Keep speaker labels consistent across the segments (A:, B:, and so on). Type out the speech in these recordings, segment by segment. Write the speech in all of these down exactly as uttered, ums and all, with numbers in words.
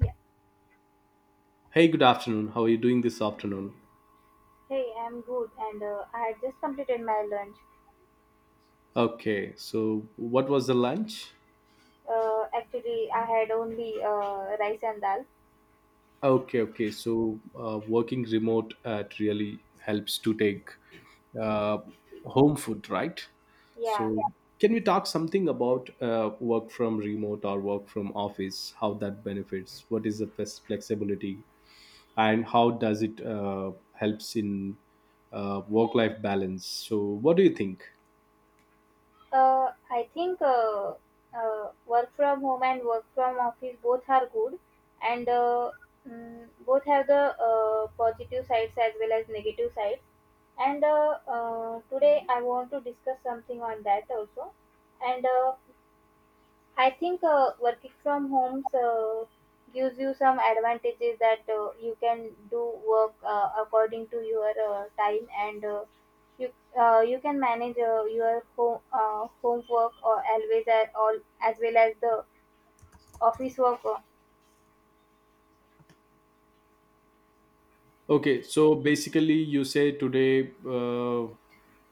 A: Yeah.
B: Hey, good afternoon. How are you doing this afternoon?
A: Hey, I'm good, and uh, I had just completed my lunch.
B: Okay, so what was the lunch?
A: Uh, actually, I had only uh, rice and dal.
B: Okay, okay. So uh, working remote uh, it really helps to take uh, home food, right?
A: Yeah.
B: So yeah. Can we talk something about uh, work from remote or work from office? How that benefits? What is the flex- flexibility, and how does it uh, helps in uh, work life balance? So what do you think?
A: Uh, I think uh, uh, work from home and work from office both are good, and uh, mm, both have the uh, positive sides as well as negative sides. And uh, uh, today, I want to discuss something on that also. And uh, I think uh, working from home uh, gives you some advantages, that uh, you can do work uh, according to your uh, time, and uh, you uh, you can manage uh, your home uh, homework or always at all as well as the office work uh,
B: Okay, so basically, you say today uh,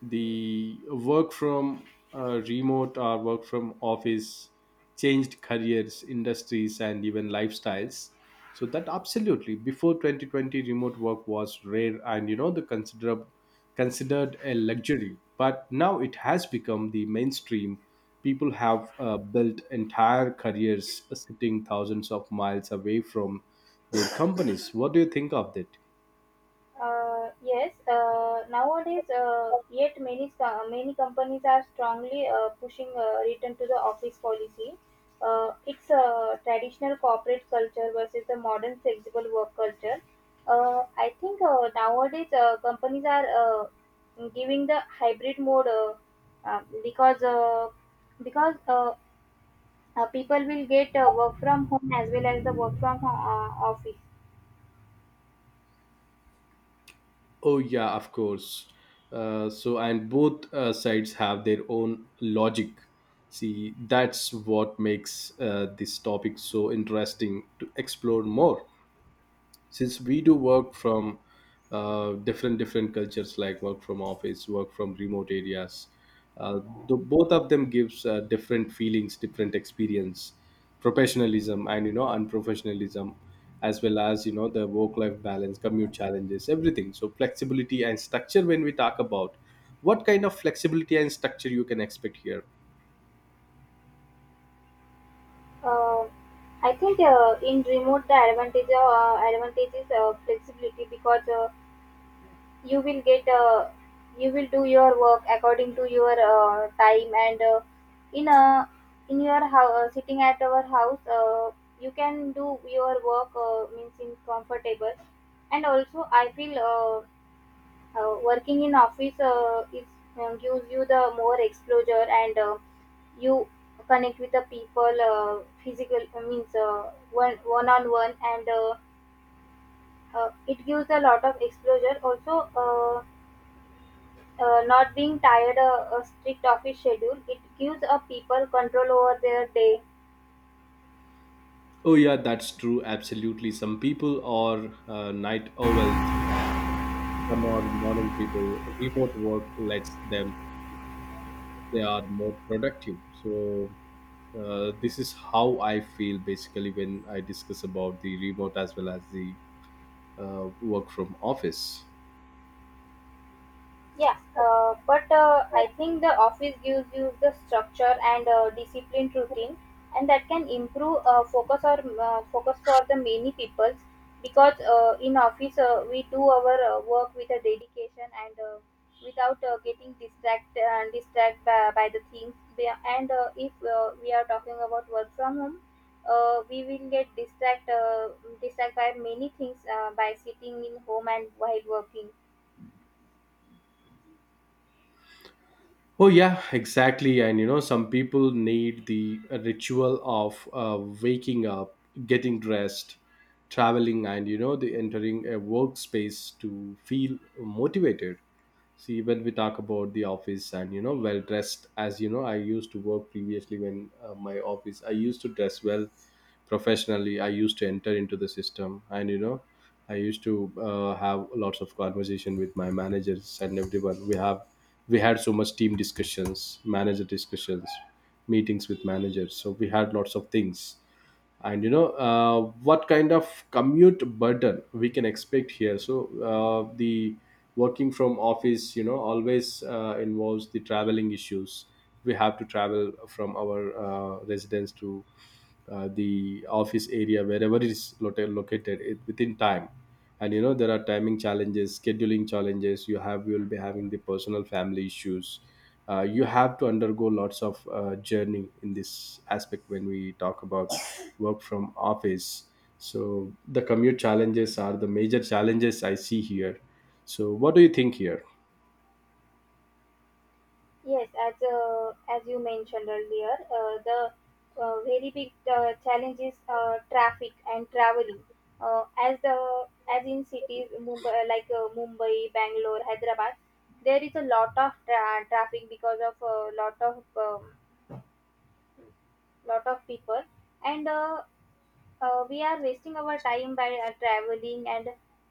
B: the work from uh, remote or work from office changed careers, industries, and even lifestyles. So that absolutely before twenty twenty, remote work was rare and you know the considerable considered a luxury, but now it has become the mainstream. People have uh, built entire careers sitting thousands of miles away from their companies. What do you think of that?
A: Uh, yes, uh, Nowadays, uh, yet many sta- many companies are strongly uh, pushing uh, return to the office policy. Uh, it's a traditional corporate culture versus the modern flexible work culture. Uh, I think uh, nowadays uh, companies are uh, giving the hybrid mode, uh, uh, because uh, because uh, uh, people will get uh, work from home as well as the work from ho- uh, office.
B: Oh, yeah, of course. Uh, so, and both uh, sides have their own logic. See, that's what makes uh, this topic so interesting to explore more, since we do work from uh, different different cultures, like work from office, work from remote areas. uh, the, Both of them gives uh, different feelings, different experience, professionalism, and you know unprofessionalism, as well as you know the work life balance, commute challenges, everything. So flexibility and structure, when we talk about what kind of flexibility and structure you can expect here.
A: Uh, I think uh, in remote the advantage uh, advantage is uh, flexibility, because uh, you will get uh, you will do your work according to your uh, time, and uh, in a in your house, sitting at our house, uh, you can do your work, uh, means in comfortable. And also I feel uh, uh, working in office uh, is uh, gives you the more exposure, and uh, you connect with the people uh, physical I means uh, one one on one, and uh, uh, it gives a lot of exposure also, uh, uh, not being tired, uh, uh, strict office schedule, it gives a people control over their day.
B: Oh yeah, that's true, absolutely. Some people are uh, night owls. Some are morning people. Remote work lets them, they are more productive. So, uh, this is how I feel basically when I discuss about the remote as well as the uh, work from office.
A: Yeah, uh, but uh, I think the office gives you the structure and uh, disciplined routine, and that can improve uh, focus or uh, focus for the many people, because uh, in office uh, we do our uh, work with a dedication, and uh, without uh, getting distracted and distracted by, by the things. We are- And uh, If uh, we are talking about work from home, uh, we will get distracted uh, distract by many things, uh, by sitting in home and while working.
B: Oh, yeah, exactly. And you know, some people need the ritual of uh, waking up, getting dressed, traveling, and you know, the entering a workspace to feel motivated. See, when we talk about the office, and you know well dressed, as you know I used to work previously. When uh, my office, I used to dress well professionally. I used to enter into the system, and you know I used to uh, have lots of conversation with my managers and everyone. We have we had so much team discussions, manager discussions, meetings with managers. So we had lots of things, and you know uh, what kind of commute burden we can expect here? So uh, the working from office, you know always uh, involves the traveling issues. We have to travel from our uh, residence to uh, the office area wherever it is loca- located it, within time. And you know there are timing challenges, scheduling challenges. You have you'll be having the personal family issues. Uh, you have to undergo lots of uh, journey in this aspect when we talk about work from office. So the commute challenges are the major challenges I see here. So what do you think here?
A: Yes, as uh, as you mentioned earlier, uh, the uh, very big uh, challenge is uh, traffic and traveling. Uh, as the as in cities, Mumbai uh, like uh, Mumbai, Bangalore, Hyderabad, there is a lot of tra- traffic because of a lot of um, lot of people, and uh, uh, we are wasting our time by uh, traveling. And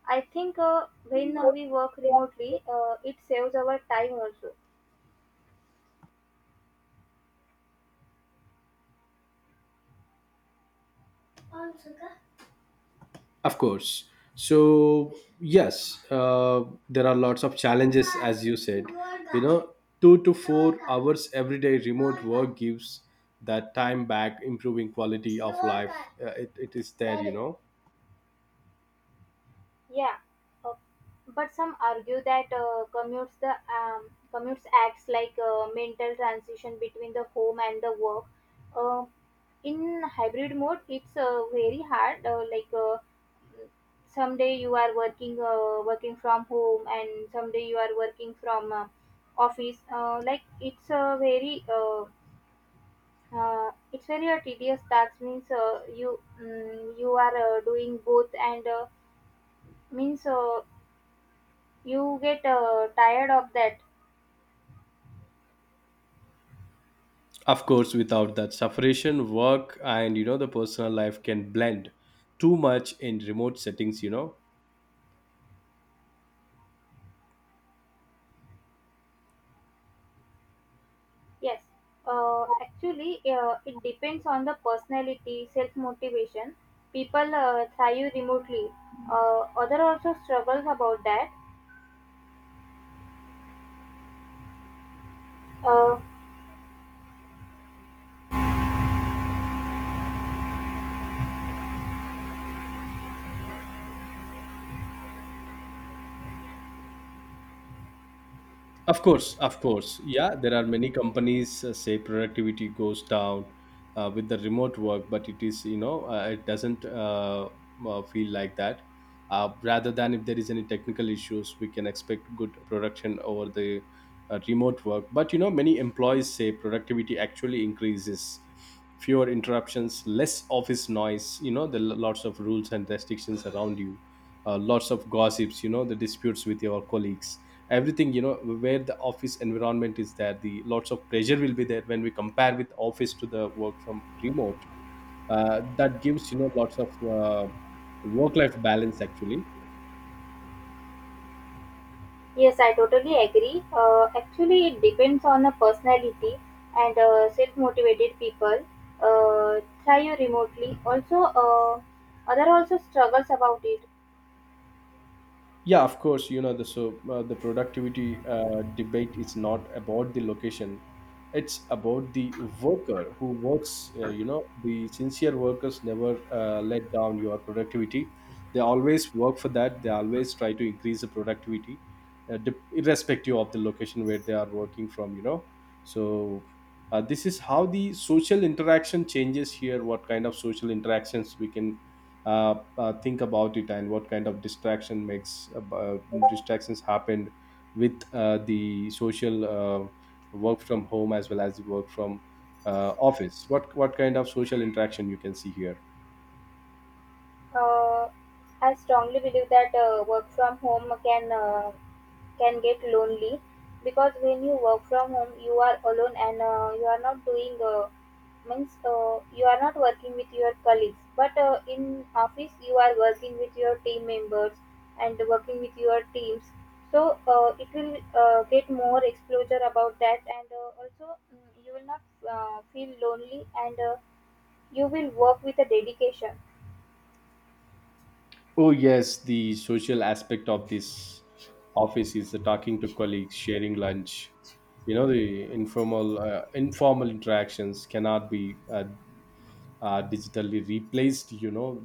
A: I think uh, when uh, we work remotely, uh, it saves our time also.
B: Of course. So, yes, uh, there are lots of challenges, as you said. You know, two to four hours every day remote work gives that time back, improving quality of life. Uh, it, it is there, you know.
A: Yeah, uh, but some argue that uh, commutes the um, commutes acts like a mental transition between the home and the work. Uh, in hybrid mode, it's uh, very hard. Uh, like uh, someday you are working uh, working from home, and someday you are working from uh, office. Uh, like it's a very uh, uh, it's very a tedious task. Means uh, you mm, you are uh, doing both and. Uh, means uh, You get uh, tired of that.
B: Of course, without that separation, work and, you know, the personal life can blend too much in remote settings, you know.
A: Yes. Uh, actually, uh, it depends on the personality, self motivation. People uh, thrive remotely. Uh, other also struggles about that. Uh,
B: Of course, of course. Yeah, there are many companies uh, say productivity goes down uh, with the remote work, but it is, you know, uh, it doesn't uh, uh, feel like that. Uh, rather than if there is any technical issues, we can expect good production over the uh, remote work. But, you know, many employees say productivity actually increases, fewer interruptions, less office noise, you know the l- lots of rules and restrictions around you, uh, lots of gossips, you know the disputes with your colleagues, everything, you know where the office environment is there, the lots of pressure will be there when we compare with office to the work from remote. Uh, that gives you know lots of uh, work life balance actually.
A: yes, I totally agree. Uh, actually, it depends on the personality, and uh, self motivated people uh, thrive remotely. Also, uh, other also struggles about it.
B: Yeah, of course. You know the, so uh, the productivity uh, debate is not about the location; it's about the worker who works. Uh, you know, the sincere workers never uh, let down your productivity. They always work for that. They always try to increase the productivity, uh, dip- irrespective of the location where they are working from. You know, so uh, this is how the social interaction changes here. What kind of social interactions we can uh, uh, think about it? And what kind of distraction makes uh, uh, distractions happened with uh, the social uh, work from home as well as the work from uh, office? What what kind of social interaction you can see here?
A: Uh, I strongly believe that uh, work from home can uh, can get lonely, because when you work from home, you are alone, and uh, you are not doing uh, means uh, you are not working with your colleagues. But uh, in office, you are working with your team members and working with your teams. So uh, it will uh, get more exposure about that, and uh, also mm, you will not uh, feel lonely and. Uh, you will work with a dedication.
B: Oh yes, the social aspect of this office is the talking to colleagues, sharing lunch. You know the informal uh, informal interactions cannot be uh, uh, digitally replaced you know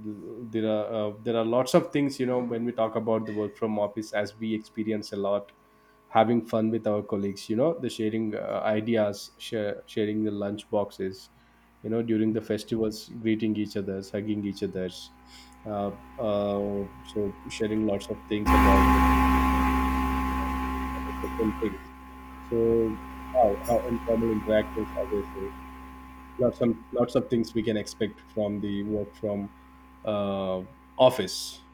B: there are uh, there are lots of things, you know when we talk about the work from office, as we experience a lot, having fun with our colleagues. You know the sharing uh, ideas, share, sharing the lunch boxes, you know during the festivals, greeting each other's, hugging each other's, uh, uh, so sharing lots of things about different things. So how uh, informal interactions, as I say, lots of lots of things we can expect from the work from uh, office.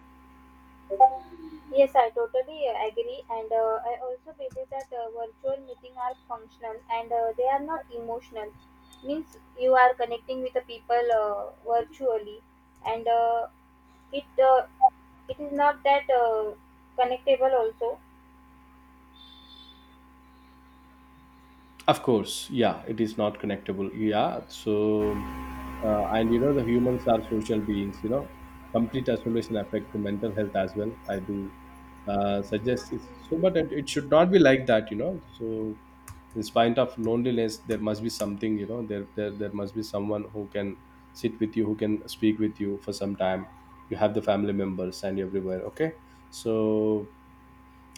A: Yes, I totally uh, agree, and uh, I also believe that uh, virtual meeting are functional and uh, they are not emotional. Means you are connecting with the people uh, virtually, and uh, it uh, it is not that uh, connectable also.
B: Of course, yeah, it is not connectable. Yeah, so uh, and you know the humans are social beings. You know, complete isolation affect the mental health as well. I do uh, suggest it's so, but it, it should not be like that. You know, so in spite of loneliness, there must be something. You know, there there there must be someone who can sit with you, who can speak with you for some time. You have the family members and everywhere. Okay, so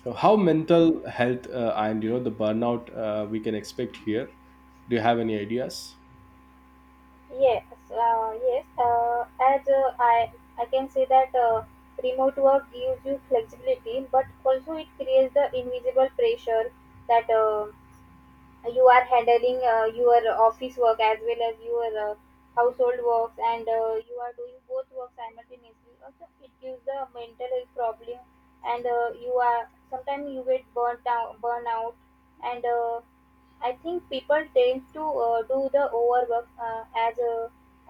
B: so, How mental health uh, and you know the burnout uh, we can expect here? Do you have any ideas?
A: Yes, uh, yes. Uh, as uh, I I can say that uh, remote work gives you flexibility, but also it creates the invisible pressure that. Uh, you are handling uh, your office work as well as your uh, household works, and uh, you are doing both work simultaneously. Also, it gives the mental health problem, and uh, you are sometimes you get burnt out burnout. And uh, i think people tend to uh, do the overwork, uh, as uh,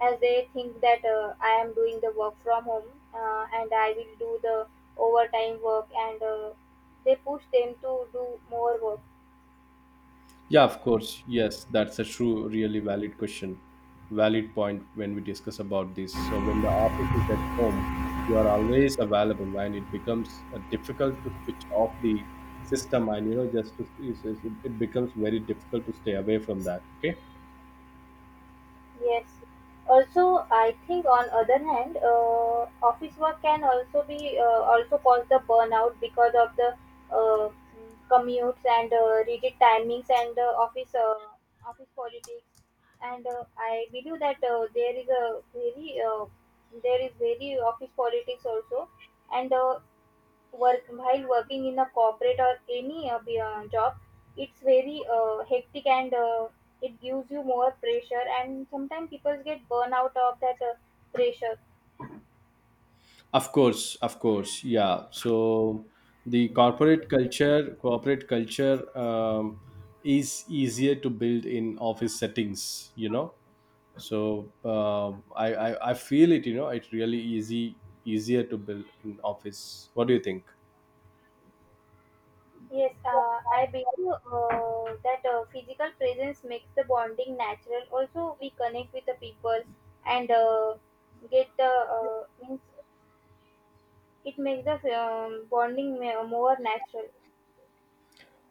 A: as they think that uh, i am doing the work from home, uh, and i will do the overtime work, and uh, they push them to do more work.
B: Yeah, of course. Yes, that's a true, really valid question. Valid point when we discuss about this. So when the office is at home, you are always available, and it becomes uh, difficult to switch off the system, and you know, just to, it's- it's- it becomes very difficult to stay away from that. Okay.
A: Yes. Also, I think on other hand, uh, office work can also be uh, also cause the burnout because of the uh, commutes and uh, rigid timings and uh, office uh, office politics. And uh, I believe that uh, there is a very uh, there is very office politics also, and uh, work while working in a corporate or any uh, be- uh, job. It's very uh, hectic, and uh, it gives you more pressure, and sometimes people get burn out of that uh, pressure.
B: Of course, of course, yeah. So the corporate culture, corporate culture um, is easier to build in office settings. You know, so uh, I, I I feel it. You know, it's really easy easier to build in office. What do you think?
A: Yes, uh, i believe uh, that uh, physical presence makes the bonding natural. Also, we connect with the people, and uh, get the uh, means it makes the um, bonding ma- more natural.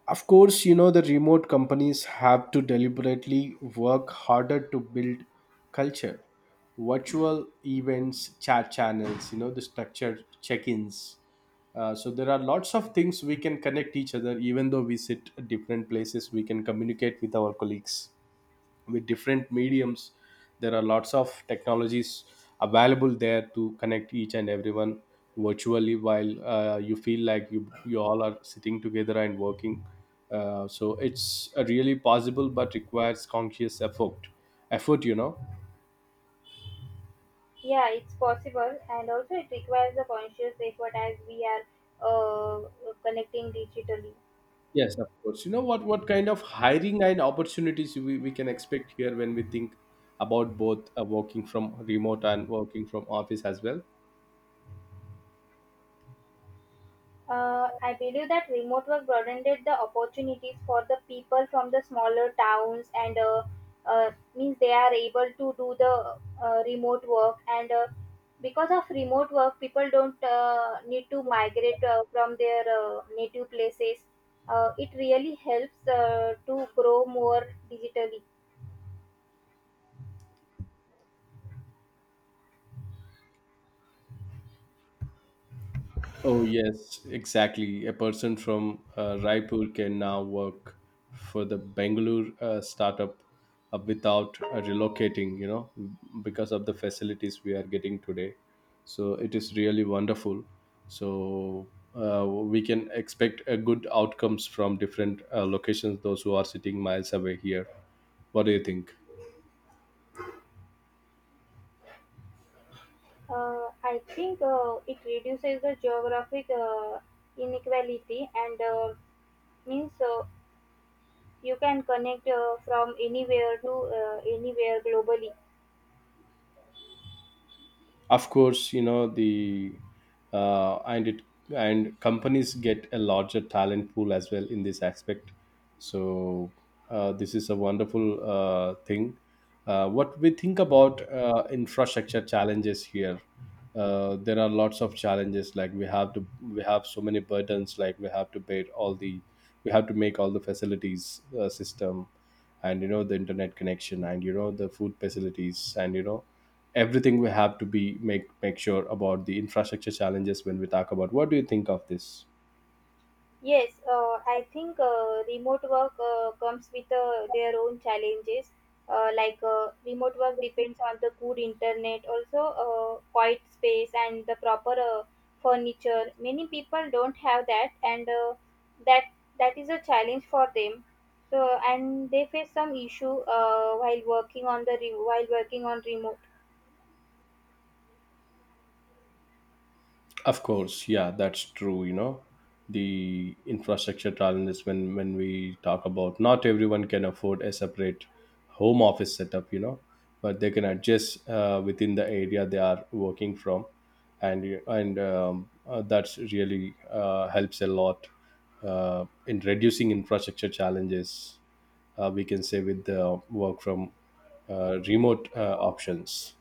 B: Of course, you know, the remote companies have to deliberately work harder to build culture. Virtual events, chat channels, you know, the structured check ins. Uh, so there are lots of things we can connect each other, even though we sit at different places, we can communicate with our colleagues with different mediums. There are lots of technologies available there to connect each and everyone virtually, while uh, you feel like you you all are sitting together and working. Uh, so it's uh, really possible but requires conscious effort effort you know
A: Yeah, it's possible, and also it requires a conscious effort, as we are uh, connecting digitally.
B: Yes, of course. you know what what kind of hiring and opportunities we, we can expect here when we think about both uh, working from remote and working from office as well?
A: Uh, I believe that remote work broadened the opportunities for the people from the smaller towns, and uh, uh, means they are able to do the uh, remote work. And uh, because of remote work, people don't uh, need to migrate uh, from their uh, native places. Uh, it really helps uh, to grow more digitally.
B: Oh, yes, exactly. A person from uh, Raipur can now work for the Bangalore uh, startup uh, without uh, relocating, you know, because of the facilities we are getting today. So it is really wonderful. So uh, we can expect a good outcomes from different uh, locations, those who are sitting miles away here. What do you think?
A: Uh, I think uh, it reduces the geographic uh, inequality, and uh, means uh, you can connect uh, from anywhere to uh, anywhere globally.
B: Of course. You know the uh, and it And companies get a larger talent pool as well in this aspect. So uh, this is a wonderful uh, thing. Uh, what we think about uh, infrastructure challenges here? Uh, there are lots of challenges, like we have to we have so many burdens, like we have to bear all the we have to make all the facilities, uh, system, and you know the internet connection, and you know the food facilities, and you know everything. We have to be make make sure about the infrastructure challenges when we talk about. What do you think of this?
A: Yes, uh, I think uh, remote work uh, comes with uh, their own challenges. Uh, like uh, remote work depends on the good internet, also uh, quiet space and the proper uh, furniture. Many people don't have that, and uh, that that is a challenge for them. So and they face some issue uh, while working on the re- while working on remote.
B: Of course, yeah, that's true. You know the infrastructure challenges, when when we talk about, not everyone can afford a separate home office setup, you know but they can adjust uh, within the area they are working from. And you- and um, uh, That's really uh, helps a lot uh, in reducing infrastructure challenges. Uh, we can say with the work from uh, remote uh, options.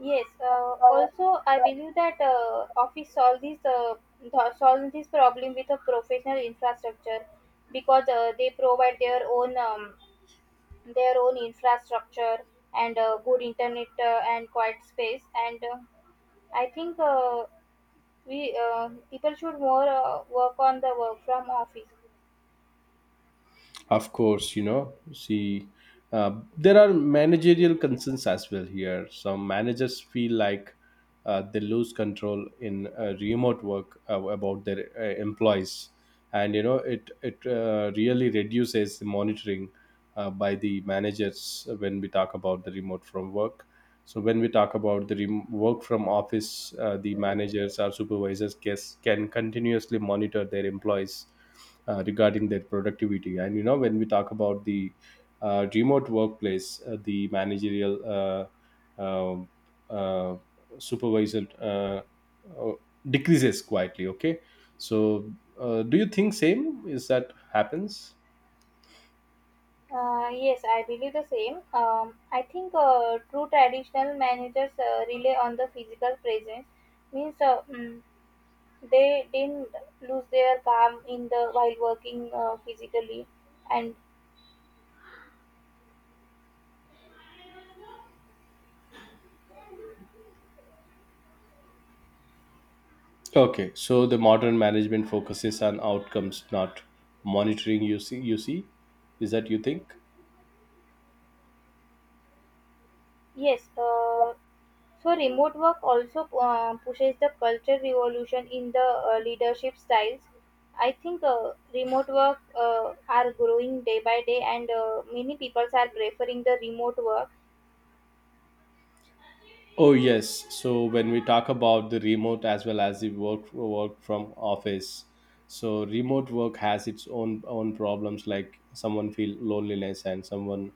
A: Yes. Uh, also, I believe that uh, office solve this uh, th- solve this problem with a professional infrastructure, because uh, they provide their own um, their own infrastructure and uh, good internet, uh, and quiet space. And uh, I think uh, we uh, people should more uh, work on the work from office.
B: Of course, you know, see, uh, there are managerial concerns as well here. Some managers feel like uh, they lose control in uh, remote work uh, about their uh, employees. And you know, it it uh, really reduces the monitoring uh, by the managers when we talk about the remote from work. So when we talk about the rem- work from office, uh, the managers or supervisors guess, can continuously monitor their employees uh, regarding their productivity. And you know, when we talk about the uh, remote workplace, uh, the managerial uh, uh, uh, supervisor uh, uh, decreases quietly. Okay, so uh, do you think same is that happens?
A: Uh, yes, I believe the same. Um, I think uh, true traditional managers uh, rely on the physical presence means. Uh, mm, They didn't lose their calm in the while working uh, physically, and
B: Okay, so the modern management focuses on outcomes, not monitoring. You see, you see, is that you think?
A: yes, uh, so remote work also uh, pushes the culture revolution in the uh, leadership styles. I think uh, remote work uh, are growing day by day, and uh, many people are preferring the remote work.
B: Oh yes. So when we talk about the remote as well as the work work from office, so remote work has its own own problems. Like someone feel loneliness and someone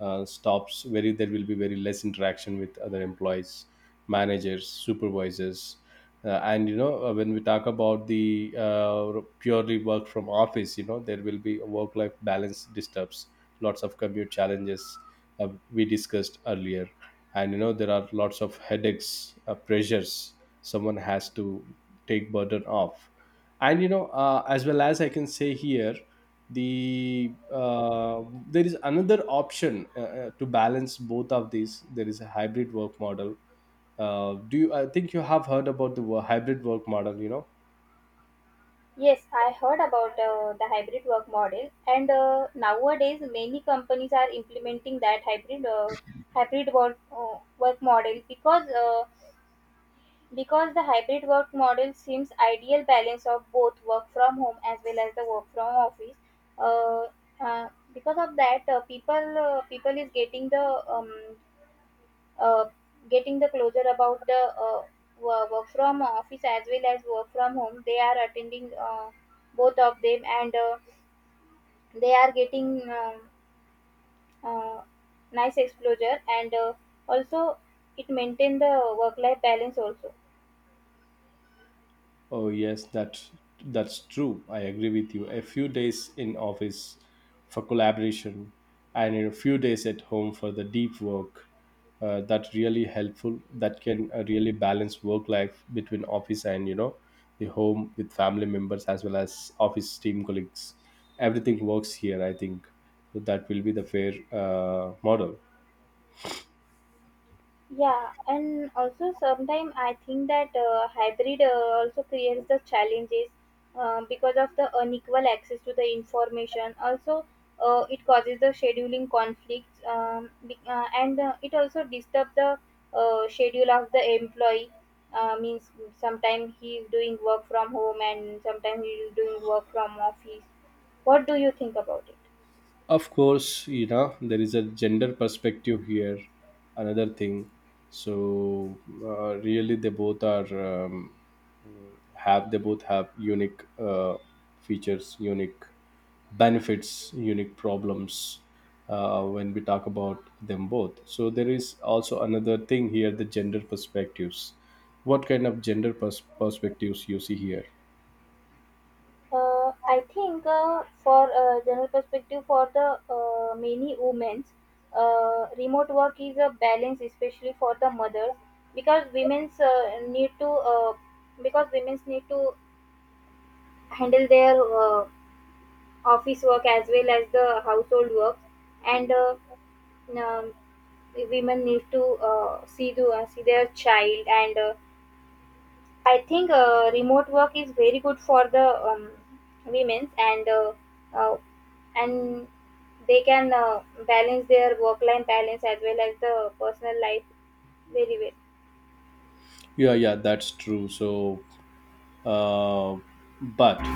B: uh, stops. Very there will be very less interaction with other employees, managers, supervisors, uh, and you know uh, when we talk about the uh, purely work from office, you know there will be a work life balance disturbs, lots of commute challenges uh, we discussed earlier, and you know there are lots of headaches, uh, pressures, someone has to take burden off. And you know, uh, as well as I can say here, the uh, there is another option uh, uh, to balance both of these. There is a hybrid work model. uh, do you, I think you have heard about the wo- hybrid work model, you know
A: Yes, I heard about uh, the hybrid work model, and uh, nowadays many companies are implementing that hybrid uh, hybrid work uh, work model because uh, Because the hybrid work model seems ideal balance of both work from home as well as the work from office, uh, uh, because of that, uh, people uh, people is getting the um, uh, getting the closure about the uh, wo- work from office as well as work from home. They are attending uh, both of them, and uh, they are getting um uh, nice exposure, and uh, also it maintain the work life balance also.
B: Oh yes, that that's true. I agree with you. A few days in office for collaboration, and in a few days at home for the deep work. Uh, that really helpful. That can uh, really balance work life between office and, you know, the home with family members as well as office team colleagues. Everything works here, I think. So that will be the fair uh, model.
A: Yeah, and also sometimes I think that uh, hybrid uh, also creates the challenges, uh, because of the unequal access to the information. Also, uh, it causes the scheduling conflicts, um, be- uh, and uh, it also disturbs the uh, schedule of the employee. Uh, means Sometimes he is doing work from home and sometimes he is doing work from office. What do you think about it?
B: Of course, you know, there is a gender perspective here, another thing. So uh, really they both are, um, have, they both have unique uh, features, unique benefits, unique problems uh, when we talk about them both. So there is also another thing here, the gender perspectives. What kind of gender pers- perspectives you see here?
A: Uh, I think uh, for a general perspective, for the uh, many women, uh, remote work is a balance, especially for the mothers, because women's uh, need to uh, because women's need to handle their uh, office work as well as the household work, and uh, um, women need to uh, see the uh, see their child and uh, I think uh, remote work is very good for the um, women's, and uh, uh, and they can uh, balance their work life balance as well as the personal life very well.
B: Yeah yeah that's true. So uh, but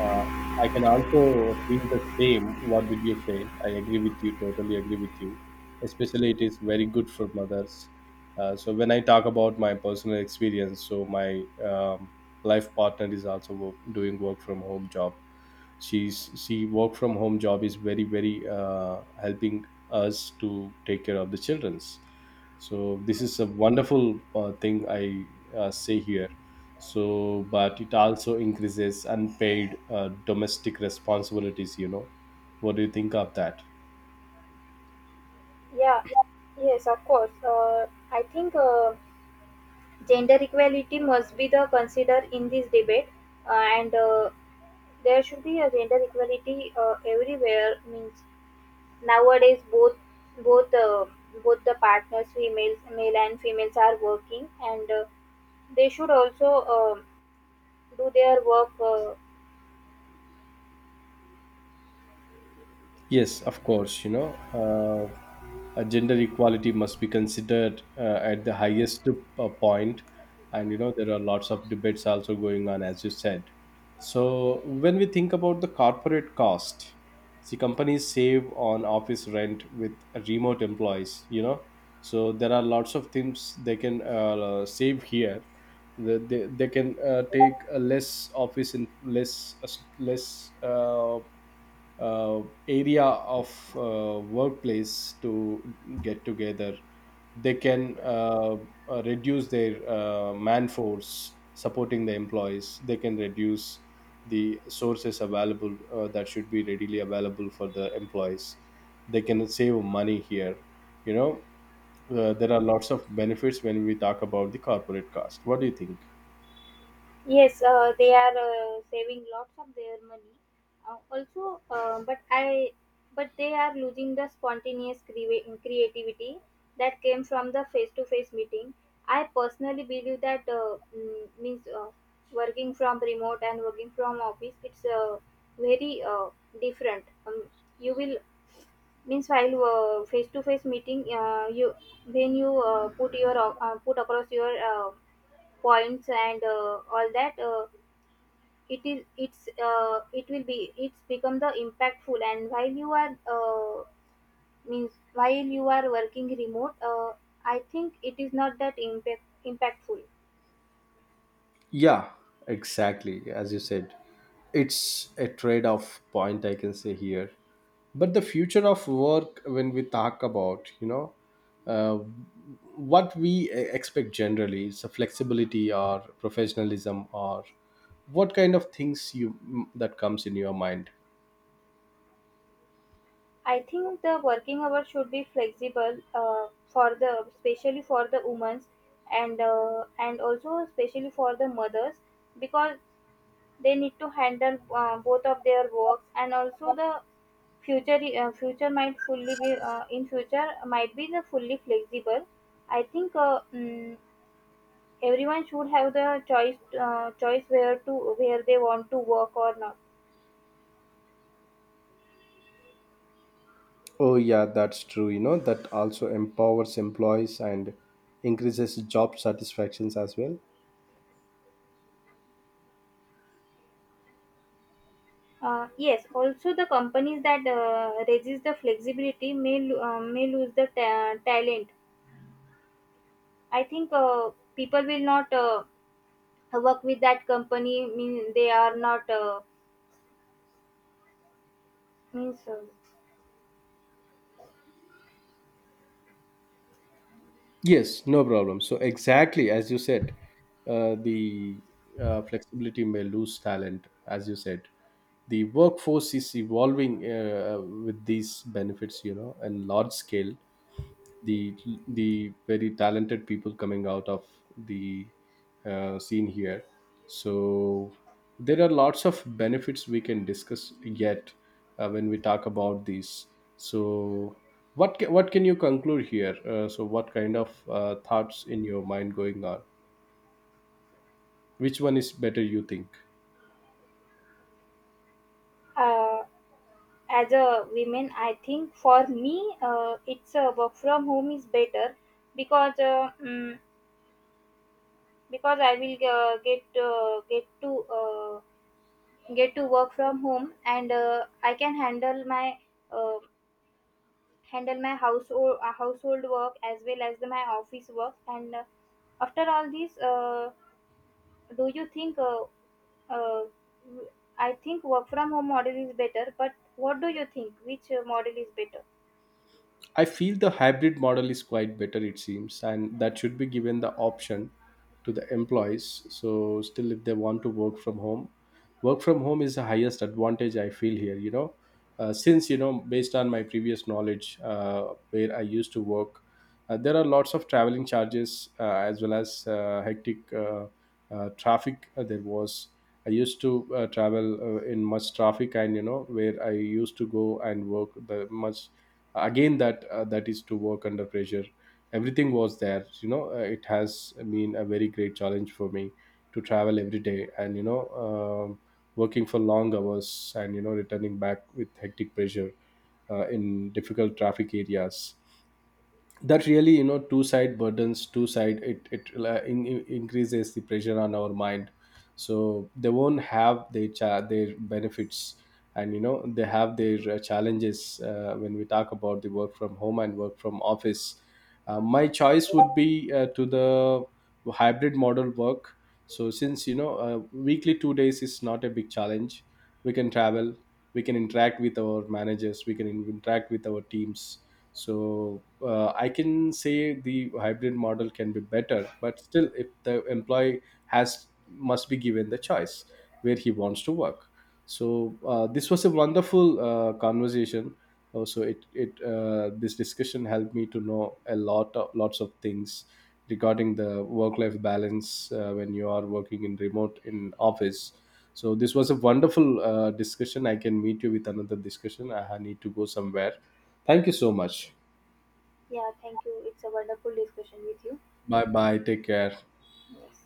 B: Uh, I can also feel the same. What did you say? I agree with you. Totally agree with you. Especially, it is very good for mothers. Uh, so when I talk about my personal experience, so my um, life partner is also wo- doing work from home job. She's she work from home job is very very uh, helping us to take care of the childrens. So this is a wonderful uh, thing I uh, say here. So but it also increases unpaid uh, domestic responsibilities, you know. What do you think of that?
A: Yeah, yes, of course. Uh, I think uh, gender equality must be the consider in this debate, uh, and uh, there should be a gender equality uh, everywhere. Means nowadays, both both uh, both the partners, females, male and females, are working, and uh, they should also um do their work. Uh,
B: Yes, of course. You know, uh, uh, gender equality must be considered uh, at the highest uh, point, and you know there are lots of debates also going on, as you said. So when we think about the corporate cost, see, companies save on office rent with remote employees. You know, so there are lots of things they can uh, save here. The- They, they can uh, take uh, less office in less uh, less. Uh, uh, area of uh, workplace to get together. They can uh, uh, reduce their uh, man force. Supporting the employees, they can reduce the sources available uh, that should be readily available for the employees. They can save money here, you know. uh, there are lots of benefits when we talk about the corporate cost. What do you think?
A: Yes, uh, they are uh, saving lots of their money. Uh, also, uh, but I, but they are losing the spontaneous cre- creativity that came from the face-to-face meeting. I personally believe that uh, mm, means uh, working from remote and working from office. It's uh, very uh, different. Um, you will means while uh, face-to-face meeting, uh, you when you uh, put your uh, put across your uh, points and uh, all that. Uh, it is it's uh, it will be it's become the impactful, and while you are uh, means while you are working remote, uh, i think it is not that impact, impactful.
B: Yeah, exactly. As you said, it's a trade off point, I can say here. But the future of work, when we talk about, you know, uh, what we e- expect generally is a flexibility or professionalism or what kind of things you, mm, that comes in your mind?
A: I think the working hours should be flexible, uh, for the especially for the women, and uh, and also especially for the mothers, because they need to handle uh, both of their works, and also the Future uh, future might fully be uh, in future might be the fully flexible. I think uh, mm, everyone should have the choice uh, choice where to where they want to work or not.
B: Oh yeah, that's true, you know. That also empowers employees and increases job satisfactions as well.
A: Uh, yes, also the companies that uh, resist the flexibility may lo- uh, may lose the ta- talent. I think uh, people will not uh, work with that company. Mean they are not uh, means uh,
B: Yes, no problem. So exactly as you said, uh, the uh, flexibility may lose talent, as you said. The workforce is evolving uh, with these benefits, you know, and large scale, the the very talented people coming out of the uh, scene here. So there are lots of benefits we can discuss yet uh, when we talk about these. So what ca- what can you conclude here? uh, so what kind of uh, thoughts in your mind going on? Which one is better, you think?
A: uh, as a women, i think for me, uh, it's uh, work from home is better, because uh, mm, because i will uh, get uh, get to uh, get to work from home, and uh, i can handle my uh, handle my household uh, household work as well as the, my office work. And uh, after all this, uh, do you think uh, uh, I think work from home model is better. But what do you think, which uh, model is better?
B: I feel the hybrid model is quite better, it seems, and that should be given the option to the employees. So, still, if they want to work from home, work from home is the highest advantage I feel here, you know. Uh, since, you know, based on my previous knowledge uh, where I used to work, uh, there are lots of traveling charges uh, as well as uh, hectic uh, uh, traffic uh, there was. I used to uh, travel uh, in much traffic, and, you know, where I used to go and work the much again. That uh, that is to work under pressure, everything was there, you know. uh, it has been a very great challenge for me to travel every day, and you know, um, working for long hours, and you know, returning back with hectic pressure uh, in difficult traffic areas. That really, you know, two side burdens, two side, it it uh, in, in- increases the pressure on our mind. So they won't have their cha- their benefits, and you know they have their uh, challenges uh, when we talk about the work from home and work from office. uh, my choice would be uh, to the hybrid model work. So since you know, uh, weekly two days is not a big challenge. We can travel, we can interact with our managers, we can interact with our teams. So uh, I can say the hybrid model can be better, but still if the employee has, must be given the choice where he wants to work. So uh, this was a wonderful uh, conversation. Also it it uh, this discussion helped me to know a lot of lots of things regarding the work life balance uh, when you are working in remote in office. So this was a wonderful uh, discussion. I can meet you with another discussion. I ha- need to go somewhere. Thank you so much.
A: Yeah, thank you. It's a wonderful discussion with you.
B: Bye bye. Take care.
A: Yes.